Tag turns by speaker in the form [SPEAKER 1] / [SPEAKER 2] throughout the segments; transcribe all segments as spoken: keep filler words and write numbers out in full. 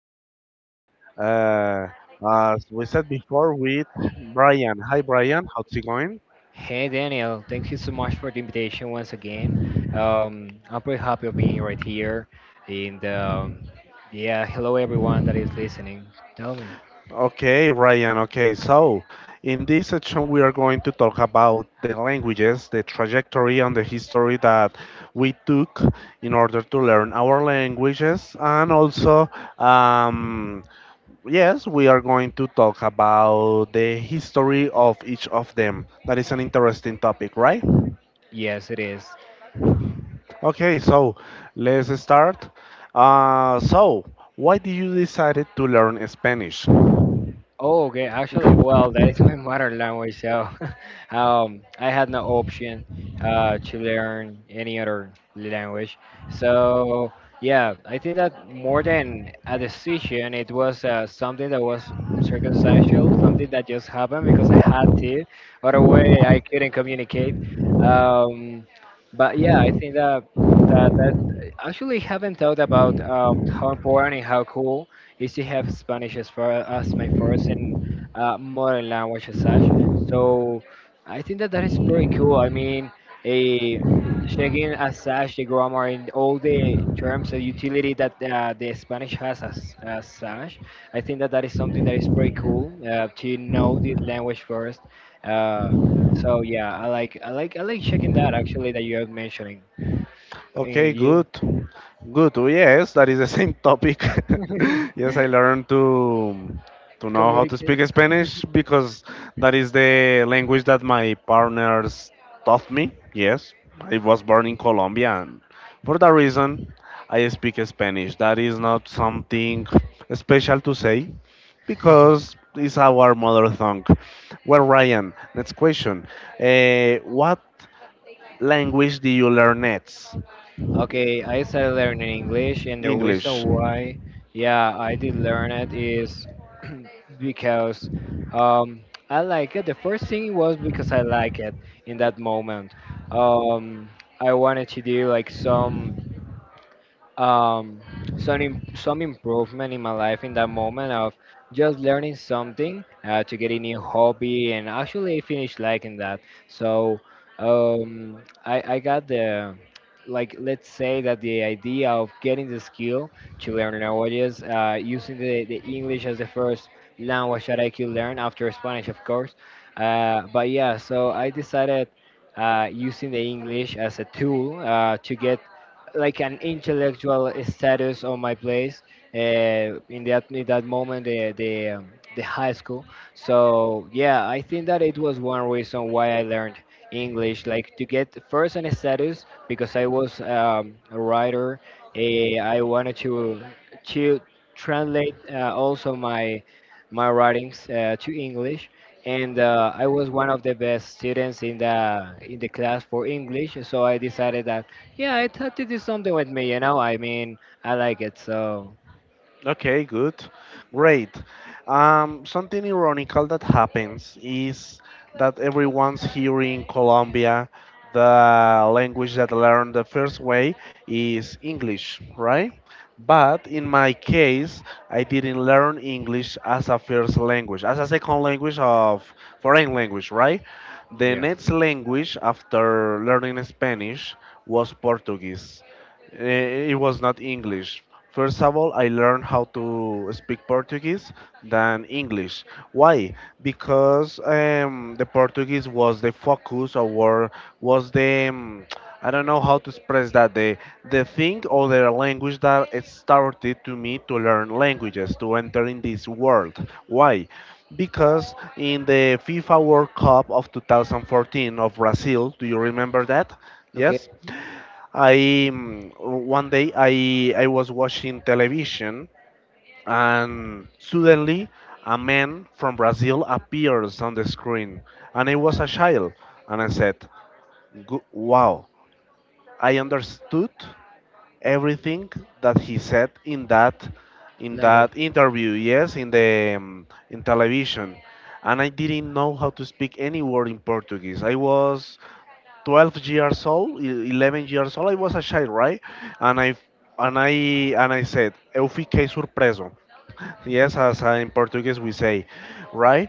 [SPEAKER 1] We are here, uh, as we said before, with Brian. Hi, Brian. How's it going?
[SPEAKER 2] Hey Daniel, thank you so much for the invitation once again. Um, I'm pretty happy of being right here. And um, yeah, hello everyone that is listening. Tell me.
[SPEAKER 1] Okay, Ryan. Okay, so in this section, we are going to talk about the languages, the trajectory, and the history that we took in order to learn our languages, and also, um, yes, we are going to talk about the history of each of them. That is an interesting topic, right?
[SPEAKER 2] Yes, it is.
[SPEAKER 1] Okay, so let's start. Uh, so, why did you decide to learn Spanish?
[SPEAKER 2] Oh, okay. Actually, well, that is my mother language, so um, I had no option uh, to learn any other language. So, yeah, I think that more than a decision, it was uh, something that was circumstantial, something that just happened because I had to. Otherwise, I couldn't communicate. Um, but yeah, I think that that that actually haven't thought about um, how important and how cool is to have Spanish as far as my first and uh, modern language as such. So I think that that is pretty cool. I mean, a checking as such the grammar and all the terms and utility that uh, the Spanish has as, as such. I think that that is something that is pretty cool uh, to know the language first. Uh, so yeah, I like I like I like checking that actually that you are mentioning. Uh,
[SPEAKER 1] Okay,
[SPEAKER 2] You
[SPEAKER 1] good. Good. Oh, yes, that is the same topic. Yes, I learned to to know how to
[SPEAKER 2] communicate.
[SPEAKER 1] speak Spanish because that is the language that my partners taught me. Yes, I was born in Colombia and for that reason I speak Spanish. That is not something special to say because it's our mother tongue. Well, Ryan, next question. Uh, what language do you learn next?
[SPEAKER 2] Okay, I started learning English, and the reason
[SPEAKER 1] English.
[SPEAKER 2] why, yeah, I did learn it is because um, I like it. The first thing was because I like it in that moment. Um, I wanted to do like some um, some im- some improvement in my life in that moment of just learning something uh, to get a new hobby and actually I finished liking that. So um, I I got the like let's say that the idea of getting the skill to learn languages uh, using the, the English as the first language that I could learn after Spanish of course. Uh, but yeah, so I decided uh, using the English as a tool uh, to get like an intellectual status on my place uh, in that in that moment the the um, the high school. So yeah, I think that it was one reason why I learned English, like to get first an status because I was um, a writer. Uh, I wanted to to translate uh, also my my writings uh, to English and uh, I was one of the best students in the in the class for English, so I decided that. Yeah, I thought to do something with me, you know? I mean, I like it, so
[SPEAKER 1] Okay, good. Great. Um, something ironical that happens is that everyone's here in Colombia, the language that learned the first way is English, right? But in my case, I didn't learn English as a first language, as a second language of foreign language, right? The
[SPEAKER 2] yeah.
[SPEAKER 1] next language after learning Spanish was Portuguese. Eh, It was not English. First of all, I learned how to speak Portuguese than English. Why? Because um, the Portuguese was the focus or was the um, I don't know how to express that the the thing or the language that it started to me to learn languages to enter in this world. Why? Because in the FIFA World Cup of two thousand fourteen of Brazil, do you remember that?
[SPEAKER 2] Okay,
[SPEAKER 1] Yes. I mm, One day I I was watching television, and suddenly a man from Brazil appears on the screen, and I was a child, and I said, "Gu- wow, I understood everything that he said in that, in
[SPEAKER 2] language.
[SPEAKER 1] that interview, yes, in the um, in television. And I didn't know how to speak any word in Portuguese. I was twelve years old, e- eleven years old. I was a child, right? And i and i and i said, eu fiquei surpreso." Yes, as, uh, in Portuguese we say, right?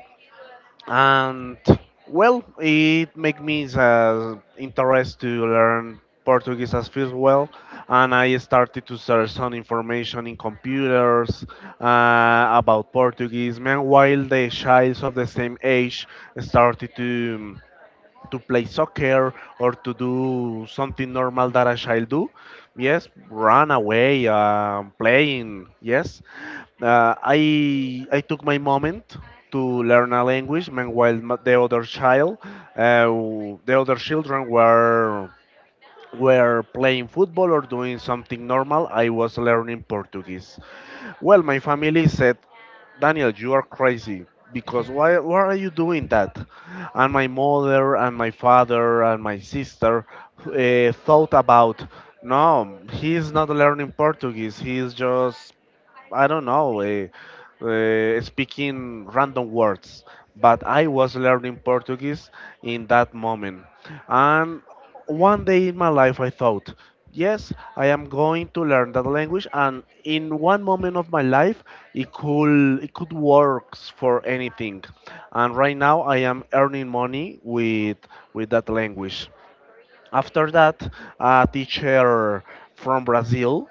[SPEAKER 1] And, well, it made me, uh, interest to learn Portuguese as first, well, and I started to search some information in computers, uh, about Portuguese. Meanwhile, the childs of the same age started to to play soccer or to do something normal that a child do. Yes, run away, um, playing. Yes, uh, I I took my moment to learn a language. Meanwhile, m- the other child, uh, the other children were were playing football or doing something normal, I was learning Portuguese. Well, my family said, "Daniel, you are crazy, because why, why are you doing that?" And my mother and my father and my sister, uh, thought about, no, he is not learning Portuguese, he is just, I don't know, uh, uh, speaking random words, but I was learning Portuguese in that moment. And one day in my life, I thought, yes, I am going to learn that language, and in one moment of my life, it could it could work for anything. And right now, I am earning money with with that language. After that, a teacher from Brazil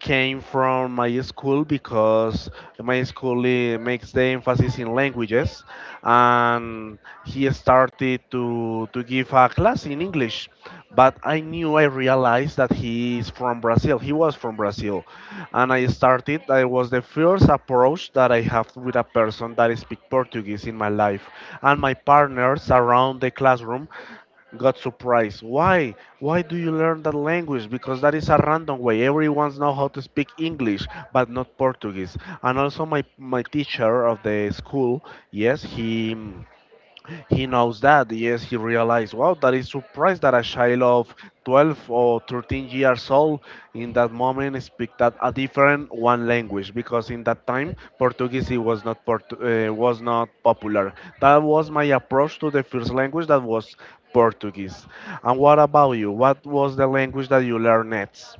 [SPEAKER 1] came from my school because my school, eh, makes the emphasis in languages, and he started to to give a class in English. But I knew, I realized that he is from Brazil. He was from Brazil, and I started. I was the first approach that I have with a person that speak Portuguese in my life, and my partners around the classroom got surprised. Why? Why do you learn that language? Because that is a random way. Everyone's know how to speak English, but not Portuguese. And also my my teacher of the school, yes, he he knows that, yes, he realized, wow, that is surprised that a child of twelve or thirteen years old in that moment speak that a different one language, because in that time Portuguese it was not Portu uh, was not popular. That was my approach to the first language that was Portuguese. And what about you? What was the language that you learned next?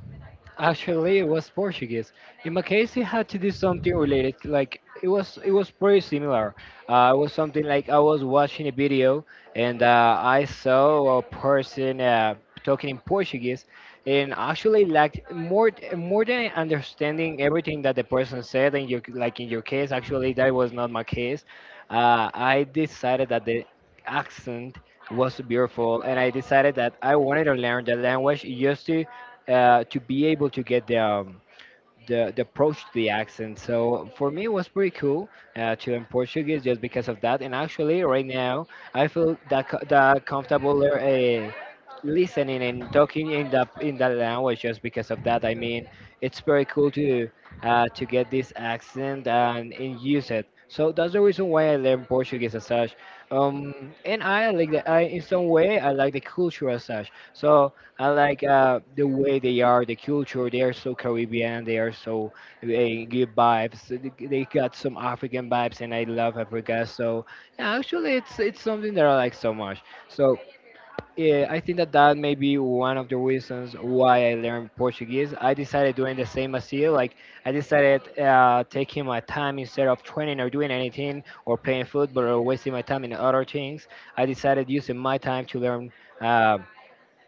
[SPEAKER 2] Actually, it was Portuguese. In my case, it had to do something related. Like it was, it was pretty similar. Uh, it was something like I was watching a video and uh, I saw a person uh, talking in Portuguese, and actually, like more, more than understanding everything that the person said. And your, like in your case, actually, that was not my case. Uh, I decided that the accent was beautiful, and I decided that I wanted to learn the language just to uh, to be able to get the, um, the the approach to the accent. So for me, it was pretty cool uh, to learn Portuguese just because of that. And actually, right now, I feel that co- that comfortable uh, listening and talking in that in that language just because of that. I mean, it's very cool to uh, to get this accent and, and use it. So that's the reason why I learned Portuguese as such. Um, and I like the, I in some way I like the culture as such. So I like uh, the way they are, the culture. They are so Caribbean. They are so they give vibes. They they got some African vibes, and I love Africa. So yeah, actually, it's it's something that I like so much. So yeah, I think that that may be one of the reasons why I learned Portuguese. I decided doing the same as you. Like I decided uh, taking my time instead of training or doing anything or playing football or wasting my time in other things. I decided using my time to learn. um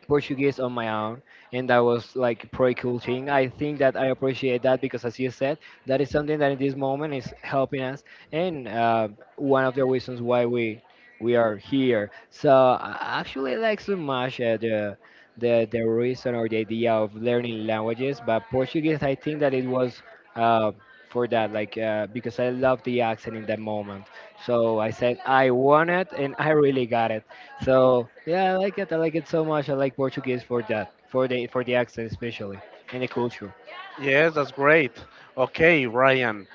[SPEAKER 2] Portuguese on my own, and that was like a pretty cool thing. I think that I appreciate that because, as you said, that is something that in this moment is helping us, and uh, one of the reasons why we we are here. So I actually like so much uh, the the the reason or the idea of learning languages, but Portuguese, I think that it was. Uh, for that, like uh, because I love the accent in that moment, so I said I want it and I really got it. So yeah, I like it. I like it so much. I like Portuguese for that, for the for the accent especially, and the culture.
[SPEAKER 1] Yes, that's great. Okay, Ryan.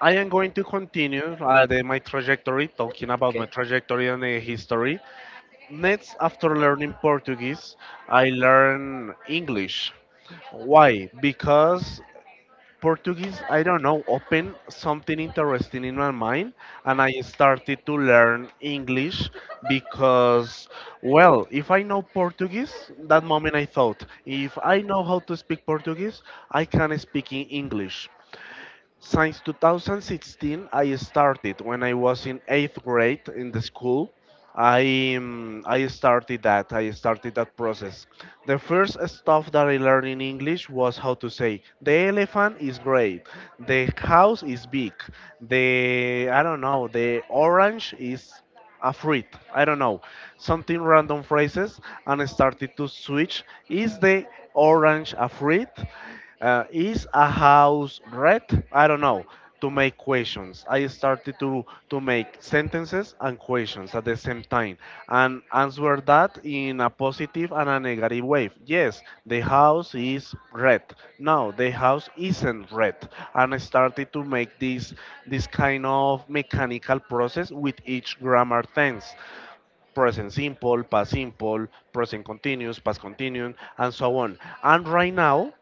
[SPEAKER 1] I am going to continue, uh, the, my trajectory, talking about
[SPEAKER 2] Okay.
[SPEAKER 1] my trajectory and the history. Next, after learning Portuguese, I learn English. Why? Because Portuguese, I don't know, opened something interesting in my mind, and I started to learn English because, well, if I know Portuguese, that moment I thought, if I know how to speak Portuguese, I can speak in English. Since two thousand sixteen, I started when I was in eighth grade in the school. I um, I started that. I started that process. The first stuff that I learned in English was how to say the elephant is great, the house is big, the I don't know, the orange is a fruit, I don't know, something random phrases and started to switch. Is the orange a fruit? Uh, is a house red? I don't know. To make questions, I started to to make sentences and questions at the same time and answer that in a positive and a negative way. Yes, the house is red. No, the house isn't red. And I started to make this this kind of mechanical process with each grammar tense. Present simple, past simple, present continuous, past continuum, and so on. And right now,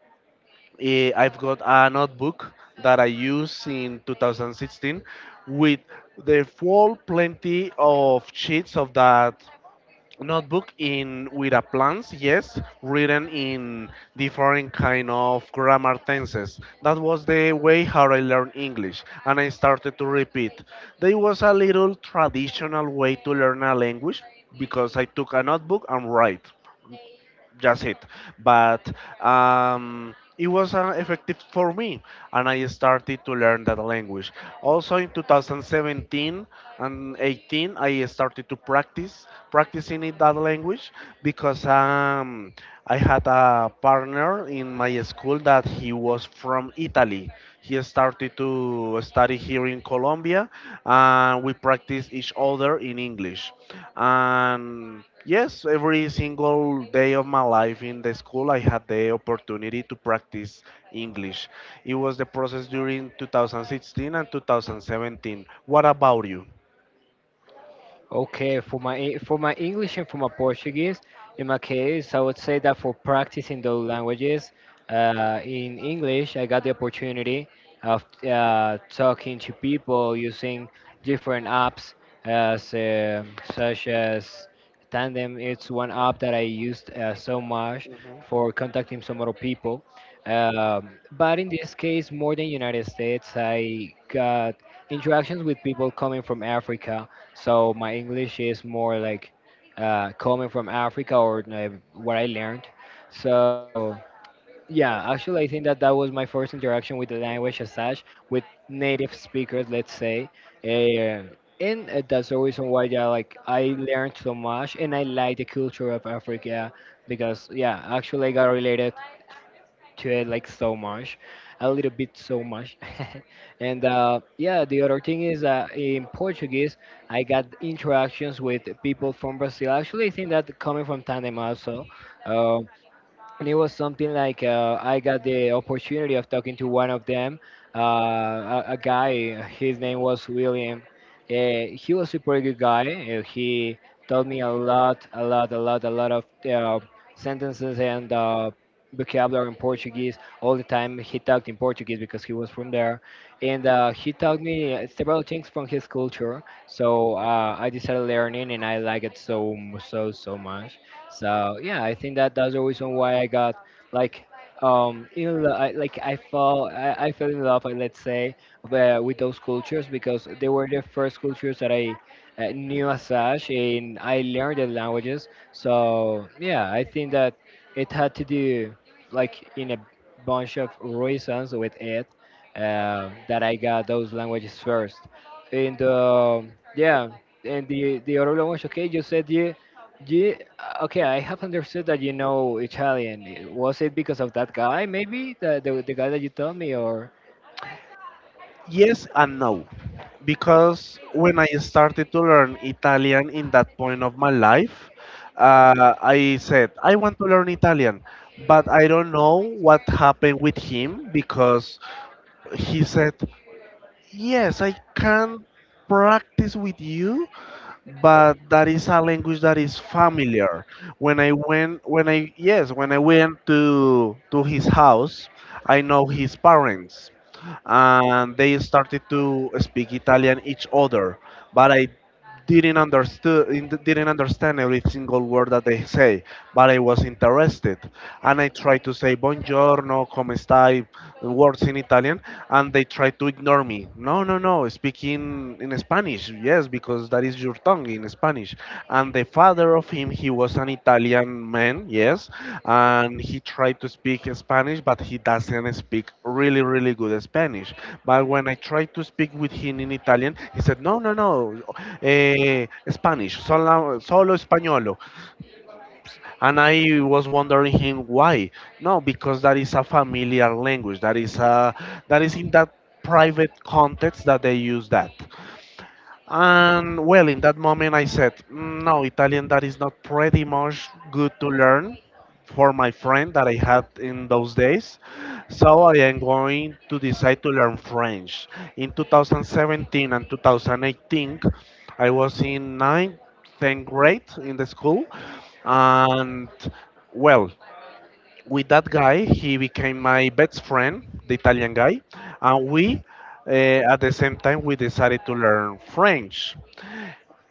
[SPEAKER 1] Eh, I've got a notebook that I used in two thousand sixteen with the full plenty of sheets of that notebook, in with a plans, yes, written in different kind of grammar tenses. That was the way how I learned English, and I started to repeat. There was a little traditional way to learn a language, because I took a notebook and write. That's it. But, um, it was, uh, effective for me, and I started to learn that language. Also in two thousand seventeen and eighteen, I started to practice practicing it, that language, because, um, I had a partner in my school that he was from Italy, he started to study here in Colombia, and we practice each other in English. And yes, every single day of my life in the school, I had the opportunity to practice English. It was the process during two thousand sixteen and two thousand seventeen. What about you?
[SPEAKER 2] Okay, for my E- for my English and for my Portuguese, in my case, I would say that for practicing those languages, uh, in English, I got the opportunity of uh, talking to people using different apps, as um such as Tandem. It's one app that I used uh, so much
[SPEAKER 1] Mhm.
[SPEAKER 2] for contacting some other people. Um, but in this case, more than United States, I got interactions with people coming from Africa so my English is more like uh, coming from Africa or uh, what I learned. So yeah, actually, I think that that was my first interaction with the language as such, with native speakers, let's say. Uh, and uh, that's the reason why, yeah, like I learned so much, and I like the culture of Africa because, yeah, actually, I got related to it like so much, a little bit so much. and uh, yeah, the other thing is uh, in Portuguese, I got interactions with people from Brazil. Actually, I think that coming from Tandem also, um, and it was something like uh, I got the opportunity of talking to one of them, uh, a, a guy. His name was William. Uh, he was a pretty good guy. Uh, he taught me a lot, a lot, a lot, a lot of uh, sentences and uh, vocabulary in Portuguese all the time. He talked in Portuguese because he was from there, and uh, he taught me uh, several things from his culture. So uh, I decided learning, and I like it so so so much. So yeah, I think that that's the reason why I got like um in lo- I, like I fell I, I fell in love uh, let's say uh, with those cultures because they were the first cultures that I uh, knew as such and I learned the languages. So yeah, I think that it had to do like in a bunch of reasons with it uh, that I got those languages first. And um yeah, and the the other language. Okay, you said you yeah, okay, I have understood that you know Italian. Eh, was it because of that guy, maybe? The, the, the guy that you told me, or?
[SPEAKER 1] Yes and no. Because when I started to learn Italian in that point of my life, uh, I said, I want to learn Italian. But I don't know what happened with him because he said, "Yes, I can practice with you, but that is a language that is familiar." When I went, when I yes, when I went to to his house, I know his parents, and they started to speak Italian each other. But I didn't understood didn't understand every single word that they say, but I was interested, and I tried to say buongiorno, come stai, words in Italian, and they tried to ignore me. No, no, no, speak in in Spanish, yes, because that is your tongue in Spanish. And the father of him, he was an Italian man, yes, and he tried to speak Spanish, but he doesn't speak really really good Spanish. But when I tried to speak with him in Italian, he said, "No, no, no, eh, Spanish solo, solo españolo." And I was wondering him, why? No, because that is a familiar language, that is a, that is in that private context that they use that. And, well, in that moment, I said, "Mm, no, Italian, that is not pretty much good to learn for my friend that I had in those days." So I am going to decide to learn French. In two thousand seventeen and two thousand eighteen, I was in ninth, tenth grade in the school. And well, with that guy, he became my best friend, the Italian guy. And we, uh, at the same time, we decided to learn French.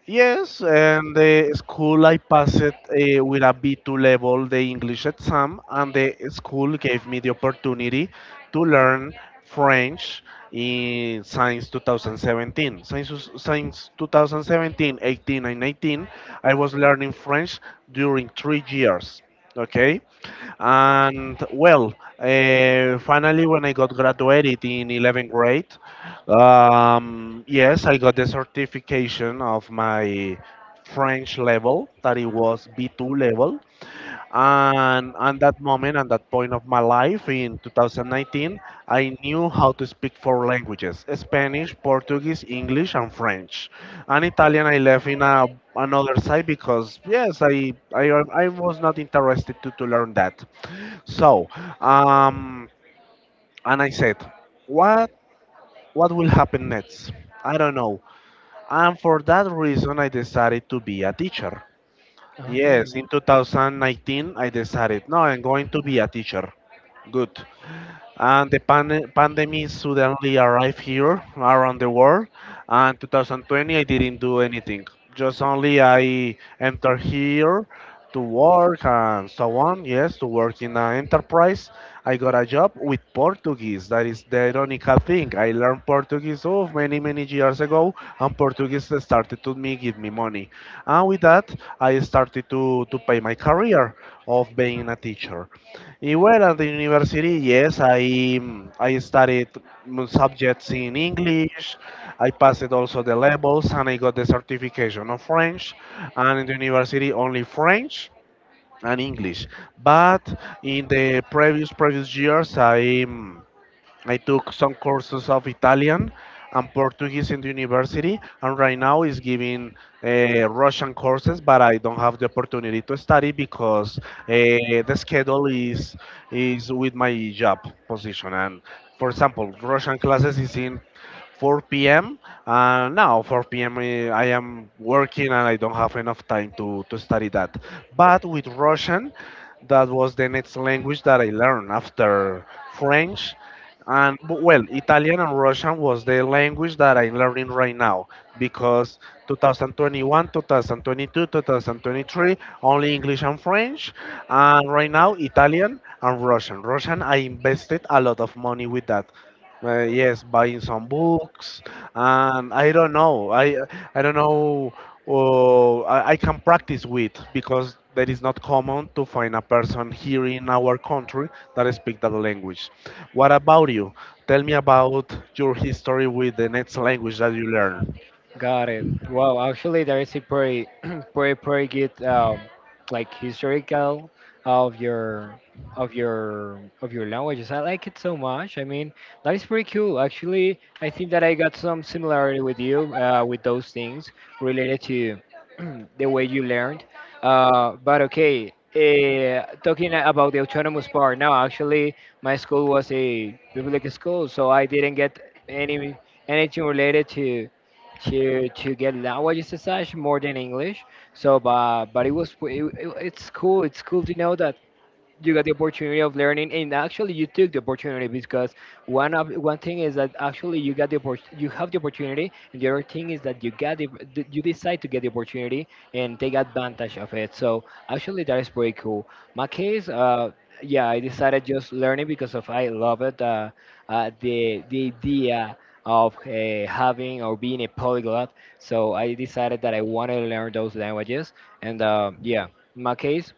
[SPEAKER 1] Yes, and the school, I passed, uh, with a B two level, the English exam, and the school gave me the opportunity to learn French in since twenty seventeen. Since, since two thousand seventeen, eighteen, and nineteen, I was learning French during three years. Okay. And, well, uh, finally, when I got graduated in eleventh grade, um, yes, I got the certification of my French level, that it was B two level. And at that moment, that point of my life in two thousand nineteen, I knew how to speak four languages: Spanish, Portuguese, English, and French. And Italian I left in a, another side, because, yes, I, I, I was not interested to, to learn that. So, um, and I said, what, what will happen next? I don't know. And for that reason, I decided to be a teacher.
[SPEAKER 2] Okay.
[SPEAKER 1] Yes, in two thousand nineteen, I decided, no, I'm going to be a teacher. Good, and the pan- pandemic suddenly arrived here around the world, and two thousand twenty I didn't do anything, just only I entered here to work and so on. Yes, to work in an enterprise. I got a job with Portuguese. That is the ironical thing, I learned Portuguese oh, many many years ago, and Portuguese started to me give me money. And with that, I started to, to pay my career of being a teacher. Eh, Well, at the university, yes, I I studied mm, subjects in English. I passed also the levels, and I got the certification of French. And in the university, only French and English. But in the previous previous years, I mm, I took some courses of Italian and Portuguese in the university, and right now is giving uh, Russian courses, but I don't have the opportunity to study because uh, the schedule is is with my job position. And for example, Russian classes is in four p m. Uh, now four p m. I I am working and I don't have enough time to to study that. But with Russian, that was the next language that I learned after French. And bu- well Italian and Russian was the language that I'm learning right now. Because two thousand twenty-one, twenty twenty-two, twenty twenty-three only English and French, and right now Italian and Russian. Russian I invested a lot of money with that. Uh, yes, buying some books, and I don't know. I I don't know. Uh, I, I can practice with because that is not common to find a person here in our country that speaks that language. What about you? Tell me about your history with the next language that you learn.
[SPEAKER 2] Got it. Well, actually, there is a pretty, pretty, pretty good, um, like historical of your, of your, of your languages. I like it so much. I mean, that is pretty cool. Actually, I think that I got some similarity with you, uh, with those things related to the way you learned. Uh, but okay, uh, talking about the autonomous part. Now, actually, my school was a public school, so I didn't get any anything related to to to get languages as such more than English. So, but but it was it, it- it's cool. It's cool to know that you got the opportunity of learning and actually you took the opportunity because one of one thing is that actually you got the oppor- you have the opportunity and the other thing is that you got the, that you decide to get the opportunity and take advantage of it so actually that is pretty cool my case uh yeah I decided just learning because of I love it uh, uh the the idea of uh, having or being a polyglot so I decided that I wanted to learn those languages and uh, yeah in my case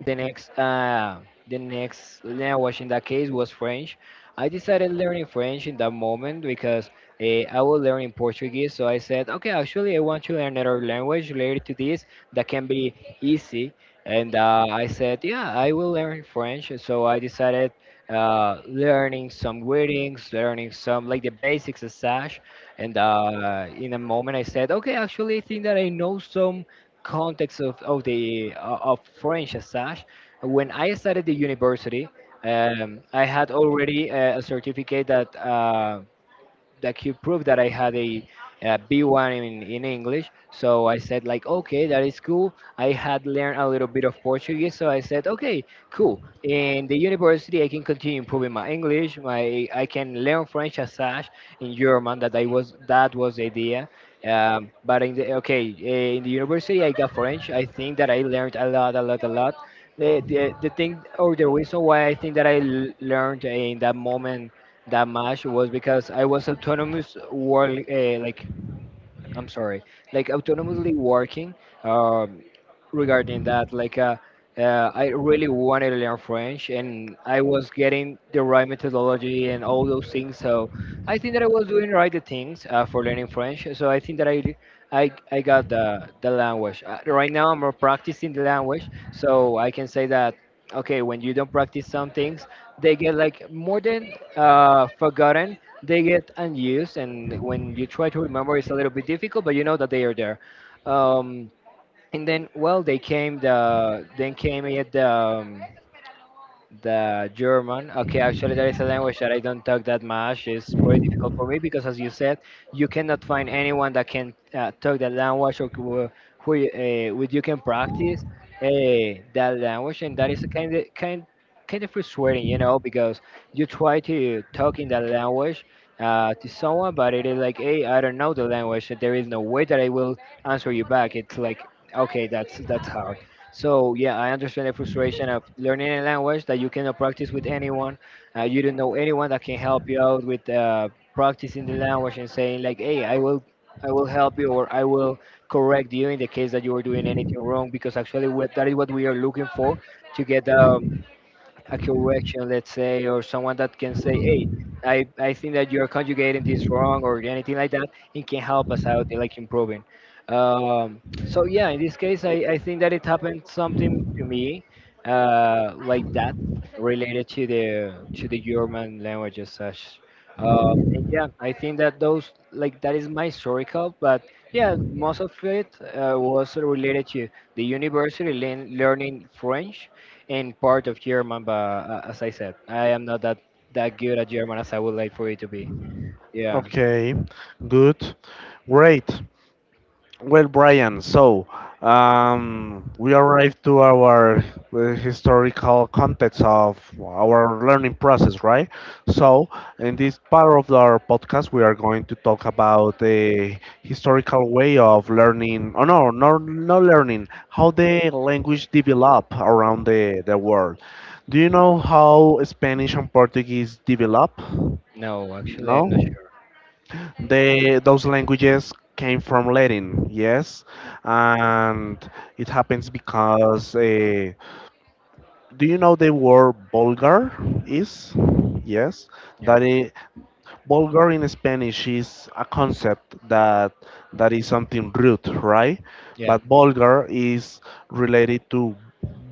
[SPEAKER 2] the next, uh, the next language in that case was French. I decided learning French in that moment because uh, I was learning Portuguese. So I said, okay, actually, I want to learn another language related to this that can be easy. And uh, I said, yeah, I will learn French. So I decided uh, learning some greetings, learning some like the basics as such. And uh, in a moment, I said, okay, actually, I think that I know some context of, of the uh, of French as such. When I started the university, um, I had already uh, a certificate that. Uh, that could prove that I had a, a B one in, in English. So I said like, okay, that is cool. I had learned a little bit of Portuguese, so I said, okay, cool. In the university, I can continue improving my English. My I can learn French as such in German. That I was that was the idea. Um, but in the okay eh, in the university, I got French. I think that I learned a lot, a lot, a lot. The, the, the thing or the reason why I think that I l- learned in that moment that match was because I was autonomous work, uh, like I'm sorry, like autonomously working um, regarding that. Like uh, uh, I really wanted to learn French, and I was getting the right methodology and all those things. So I think that I was doing right the things uh, for learning French. So I think that I. I, I got the, the language. Uh, right now, I'm practicing the language, so I can say that okay, when you don't practice some things, they get like more than uh, forgotten. They get unused, and when you try to remember, it's a little bit difficult, but you know that they are there. Um, and then well they came the then came at the um, the German. Okay, actually, there is a language that I don't talk that much. It's pretty difficult for me because, as you said, you cannot find anyone that can uh, talk the language, or who, who uh, with you can practice uh, that language, and that is a kind of kind kind of frustrating, you know, because you try to talk in that language Uh, to someone, but it is like, hey, I don't know the language. There is no way that I will answer you back. It's like, okay, that's that's hard. So yeah, I understand the frustration of learning a language that you cannot practice with anyone. Uh, you don't know anyone that can help you out with uh, practicing the language and saying like, "Hey, I will, I will help you, or I will correct you in the case that you are doing anything wrong." Because actually, what, that is what we are looking for, to get um, a correction, let's say, or someone that can say, "Hey, I, I think that you're conjugating this wrong," or anything like that. It can help us out in like improving. Um, so yeah, in this case, I, I think that it happened something to me uh, like that, related to the to the German language as such. Um, and yeah, I think that those like that is my historical, but yeah, most of it uh, was related to the university learn learning French in part of German, but uh, as I said, I am not that that good at German as I would like for you to be. Yeah.
[SPEAKER 1] Okay, good, great. Well, Brian, so um, we arrived to our uh, historical context of our learning process, right? So, in this part of our podcast, we are going to talk about the historical way of learning. Oh no, no, no learning, how the language develop around the, the world. Do you know how Spanish and Portuguese develop?
[SPEAKER 2] No, actually, I'm not
[SPEAKER 1] No?
[SPEAKER 2] sure.
[SPEAKER 1] They, those languages came from Latin, yes, and it happens because uh, do you know the word Bulgar is? Yes,
[SPEAKER 2] Yeah.
[SPEAKER 1] that is vulgar. In Spanish is a concept that that is something rude, right?
[SPEAKER 2] Yeah.
[SPEAKER 1] But vulgar is related to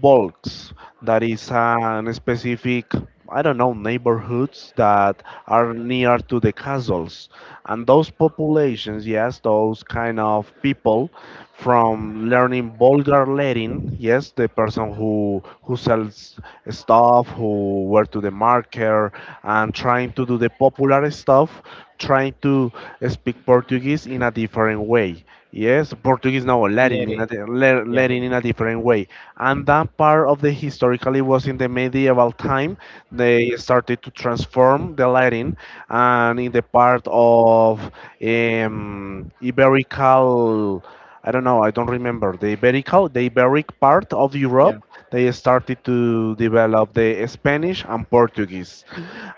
[SPEAKER 1] bulks, that is an specific, I don't know, neighborhoods that are near to the castles, and those populations, yes, those kind of people from learning vulgar Latin, yes, the person who who sells stuff, who were to the market, and trying to do the popular stuff, trying to speak Portuguese in a different way. Yes, Portuguese, no, Latin
[SPEAKER 2] Lady.
[SPEAKER 1] in a, di- La-
[SPEAKER 2] Yeah.
[SPEAKER 1] Latin in a different way. And that part of the historically was in the medieval time. They started to transform the Latin, and in the part of um, Iberical. I don't know, I don't remember, the Iberico, the Iberic part of Europe,
[SPEAKER 2] Yeah.
[SPEAKER 1] they started to develop the Spanish and Portuguese.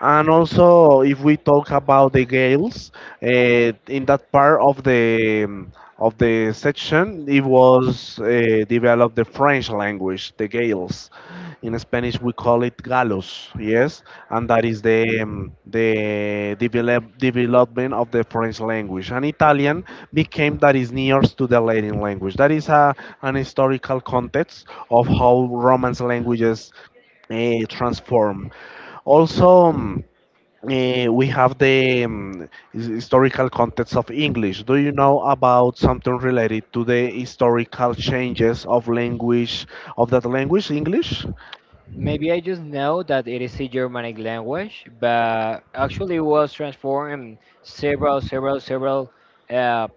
[SPEAKER 1] And also, if we talk about the Gaels, uh, in that part of the um, of the section, it was uh, developed the French language, the Gaels galls. In Spanish, we call it galos, yes, and that is the um, the develop, development of the French language. And Italian became that is nearest to the Latin language. That is a, an historical context of how Romance languages uh, transform. Also. Um, eh, we have the um, his- historical context of English. Do you know about something related to the historical changes of language of that language, English?
[SPEAKER 2] Maybe I just know that it is a Germanic language, but actually it was transformed in several, several, several, uh,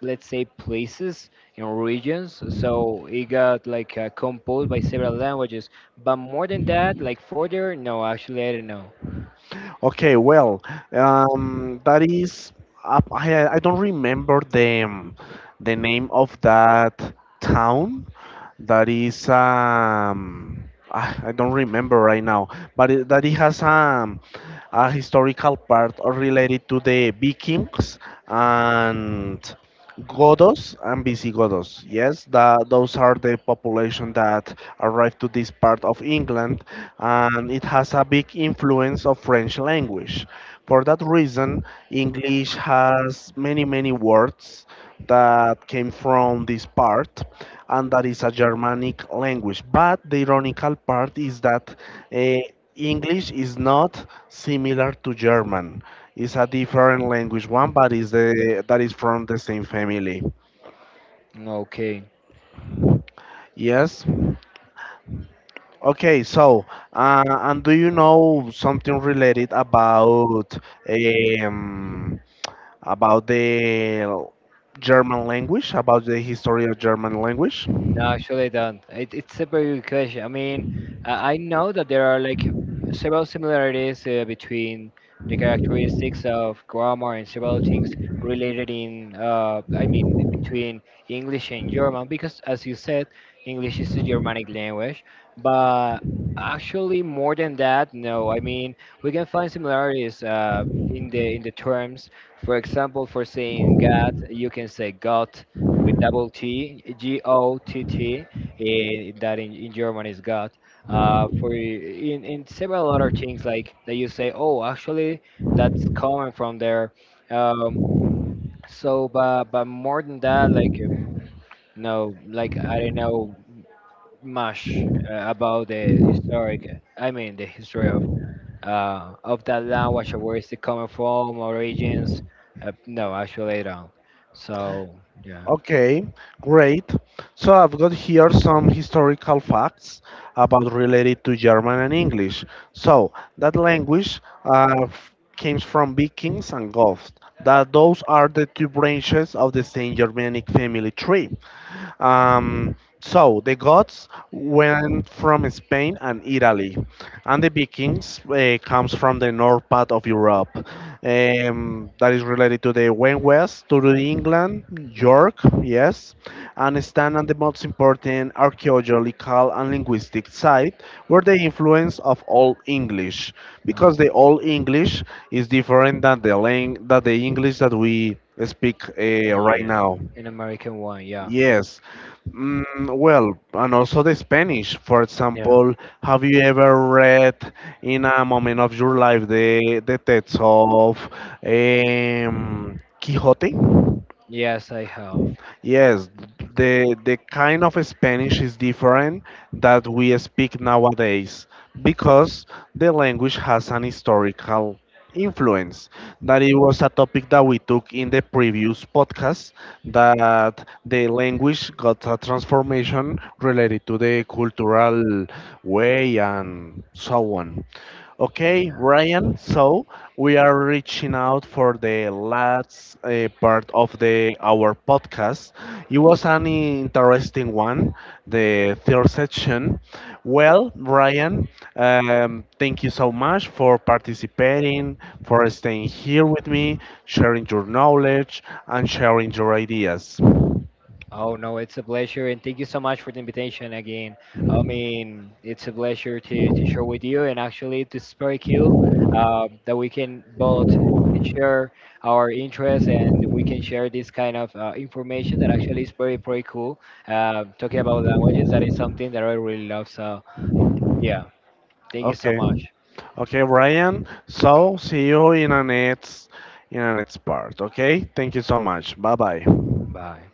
[SPEAKER 2] let's say, places and regions. So it got like uh, composed by several languages. But more than that, like further, no, actually I don't know.
[SPEAKER 1] Okay, well, um, that is uh, I I don't remember the um, the name of that town, that is um ah, I don't remember right now, but it, that it has um a historical part or related to the Vikings and Godos and Visigodos. Yes, that those are the population that arrived to this part of England, and it has a big influence of French language. For that reason, English has many many words that came from this part, and that is a Germanic language. But the ironical part is that uh, English is not similar to German. It's a different language one, but is the that is from the same family.
[SPEAKER 2] Okay.
[SPEAKER 1] Yes. Okay. So, uh, and do you know something related about um, about the German language, about the history of German language?
[SPEAKER 2] No, actually, I don't. It, it's a very good question. I mean, I I know that there are like several similarities uh, between the characteristics of grammar and several things related in, uh, I mean, between English and German, because as you said, English is a Germanic language. But actually, more than that, no. I mean, we can find similarities uh, in the in the terms. For example, for saying God, you can say God with double T, G O T T, eh, that in, in German is God. Uh, for in, in several other things like that, you say, oh, actually that's coming from there. Um, so, but but more than that, like uh, no, like I don't know much uh, about the historic. I mean, the history of uh, of that language, or where is it coming from, origins. Uh, no, actually I don't. So yeah,
[SPEAKER 1] Okay, great. So I've got here some historical facts about related to German and English. So that language uh, f- came from Vikings and Goths. That those are the two branches of the same Germanic family tree. Um, so the Goths went from Spain and Italy, and the Vikings uh, comes from the north part of Europe. Um, that is related to the went west to the England, York, yes, and stand on the most important archaeological and linguistic site where the influence of Old English, because
[SPEAKER 2] no.
[SPEAKER 1] the Old English is different than the lang- than the English that we speak uh, right
[SPEAKER 2] Yeah,
[SPEAKER 1] now.
[SPEAKER 2] an American one. Yeah,
[SPEAKER 1] Yes. Mm, well, and also the Spanish. For
[SPEAKER 2] yeah.
[SPEAKER 1] example, have you ever read in a moment of your life the the text of um, Quixote?
[SPEAKER 2] Yes, I have.
[SPEAKER 1] Yes, the the kind of Spanish is different that we speak nowadays because the language has an historical influence. That it was a topic that we took in the previous podcast that the language got a transformation related to the cultural way and so on. Okay,
[SPEAKER 2] Yeah.
[SPEAKER 1] Brian, so we are reaching out for the last uh, part of the our podcast. It was an interesting one, the third section. Well, Brian, um, thank you so much for participating, for staying here with me, sharing your knowledge, and sharing your ideas.
[SPEAKER 2] Oh no, it's a pleasure, and thank you so much for the invitation again. I mean, it's a pleasure to to share with you, and actually, this is very cool uh, that we can both share our interests, and we can share this kind of uh, information that actually is very very cool. Uh, talking about languages, that is something that I really love. So yeah, thank you so
[SPEAKER 1] Okay.
[SPEAKER 2] much.
[SPEAKER 1] Okay, Brian. So see you in the next in the next part. Okay. Thank you so much. Bye bye.
[SPEAKER 2] Bye.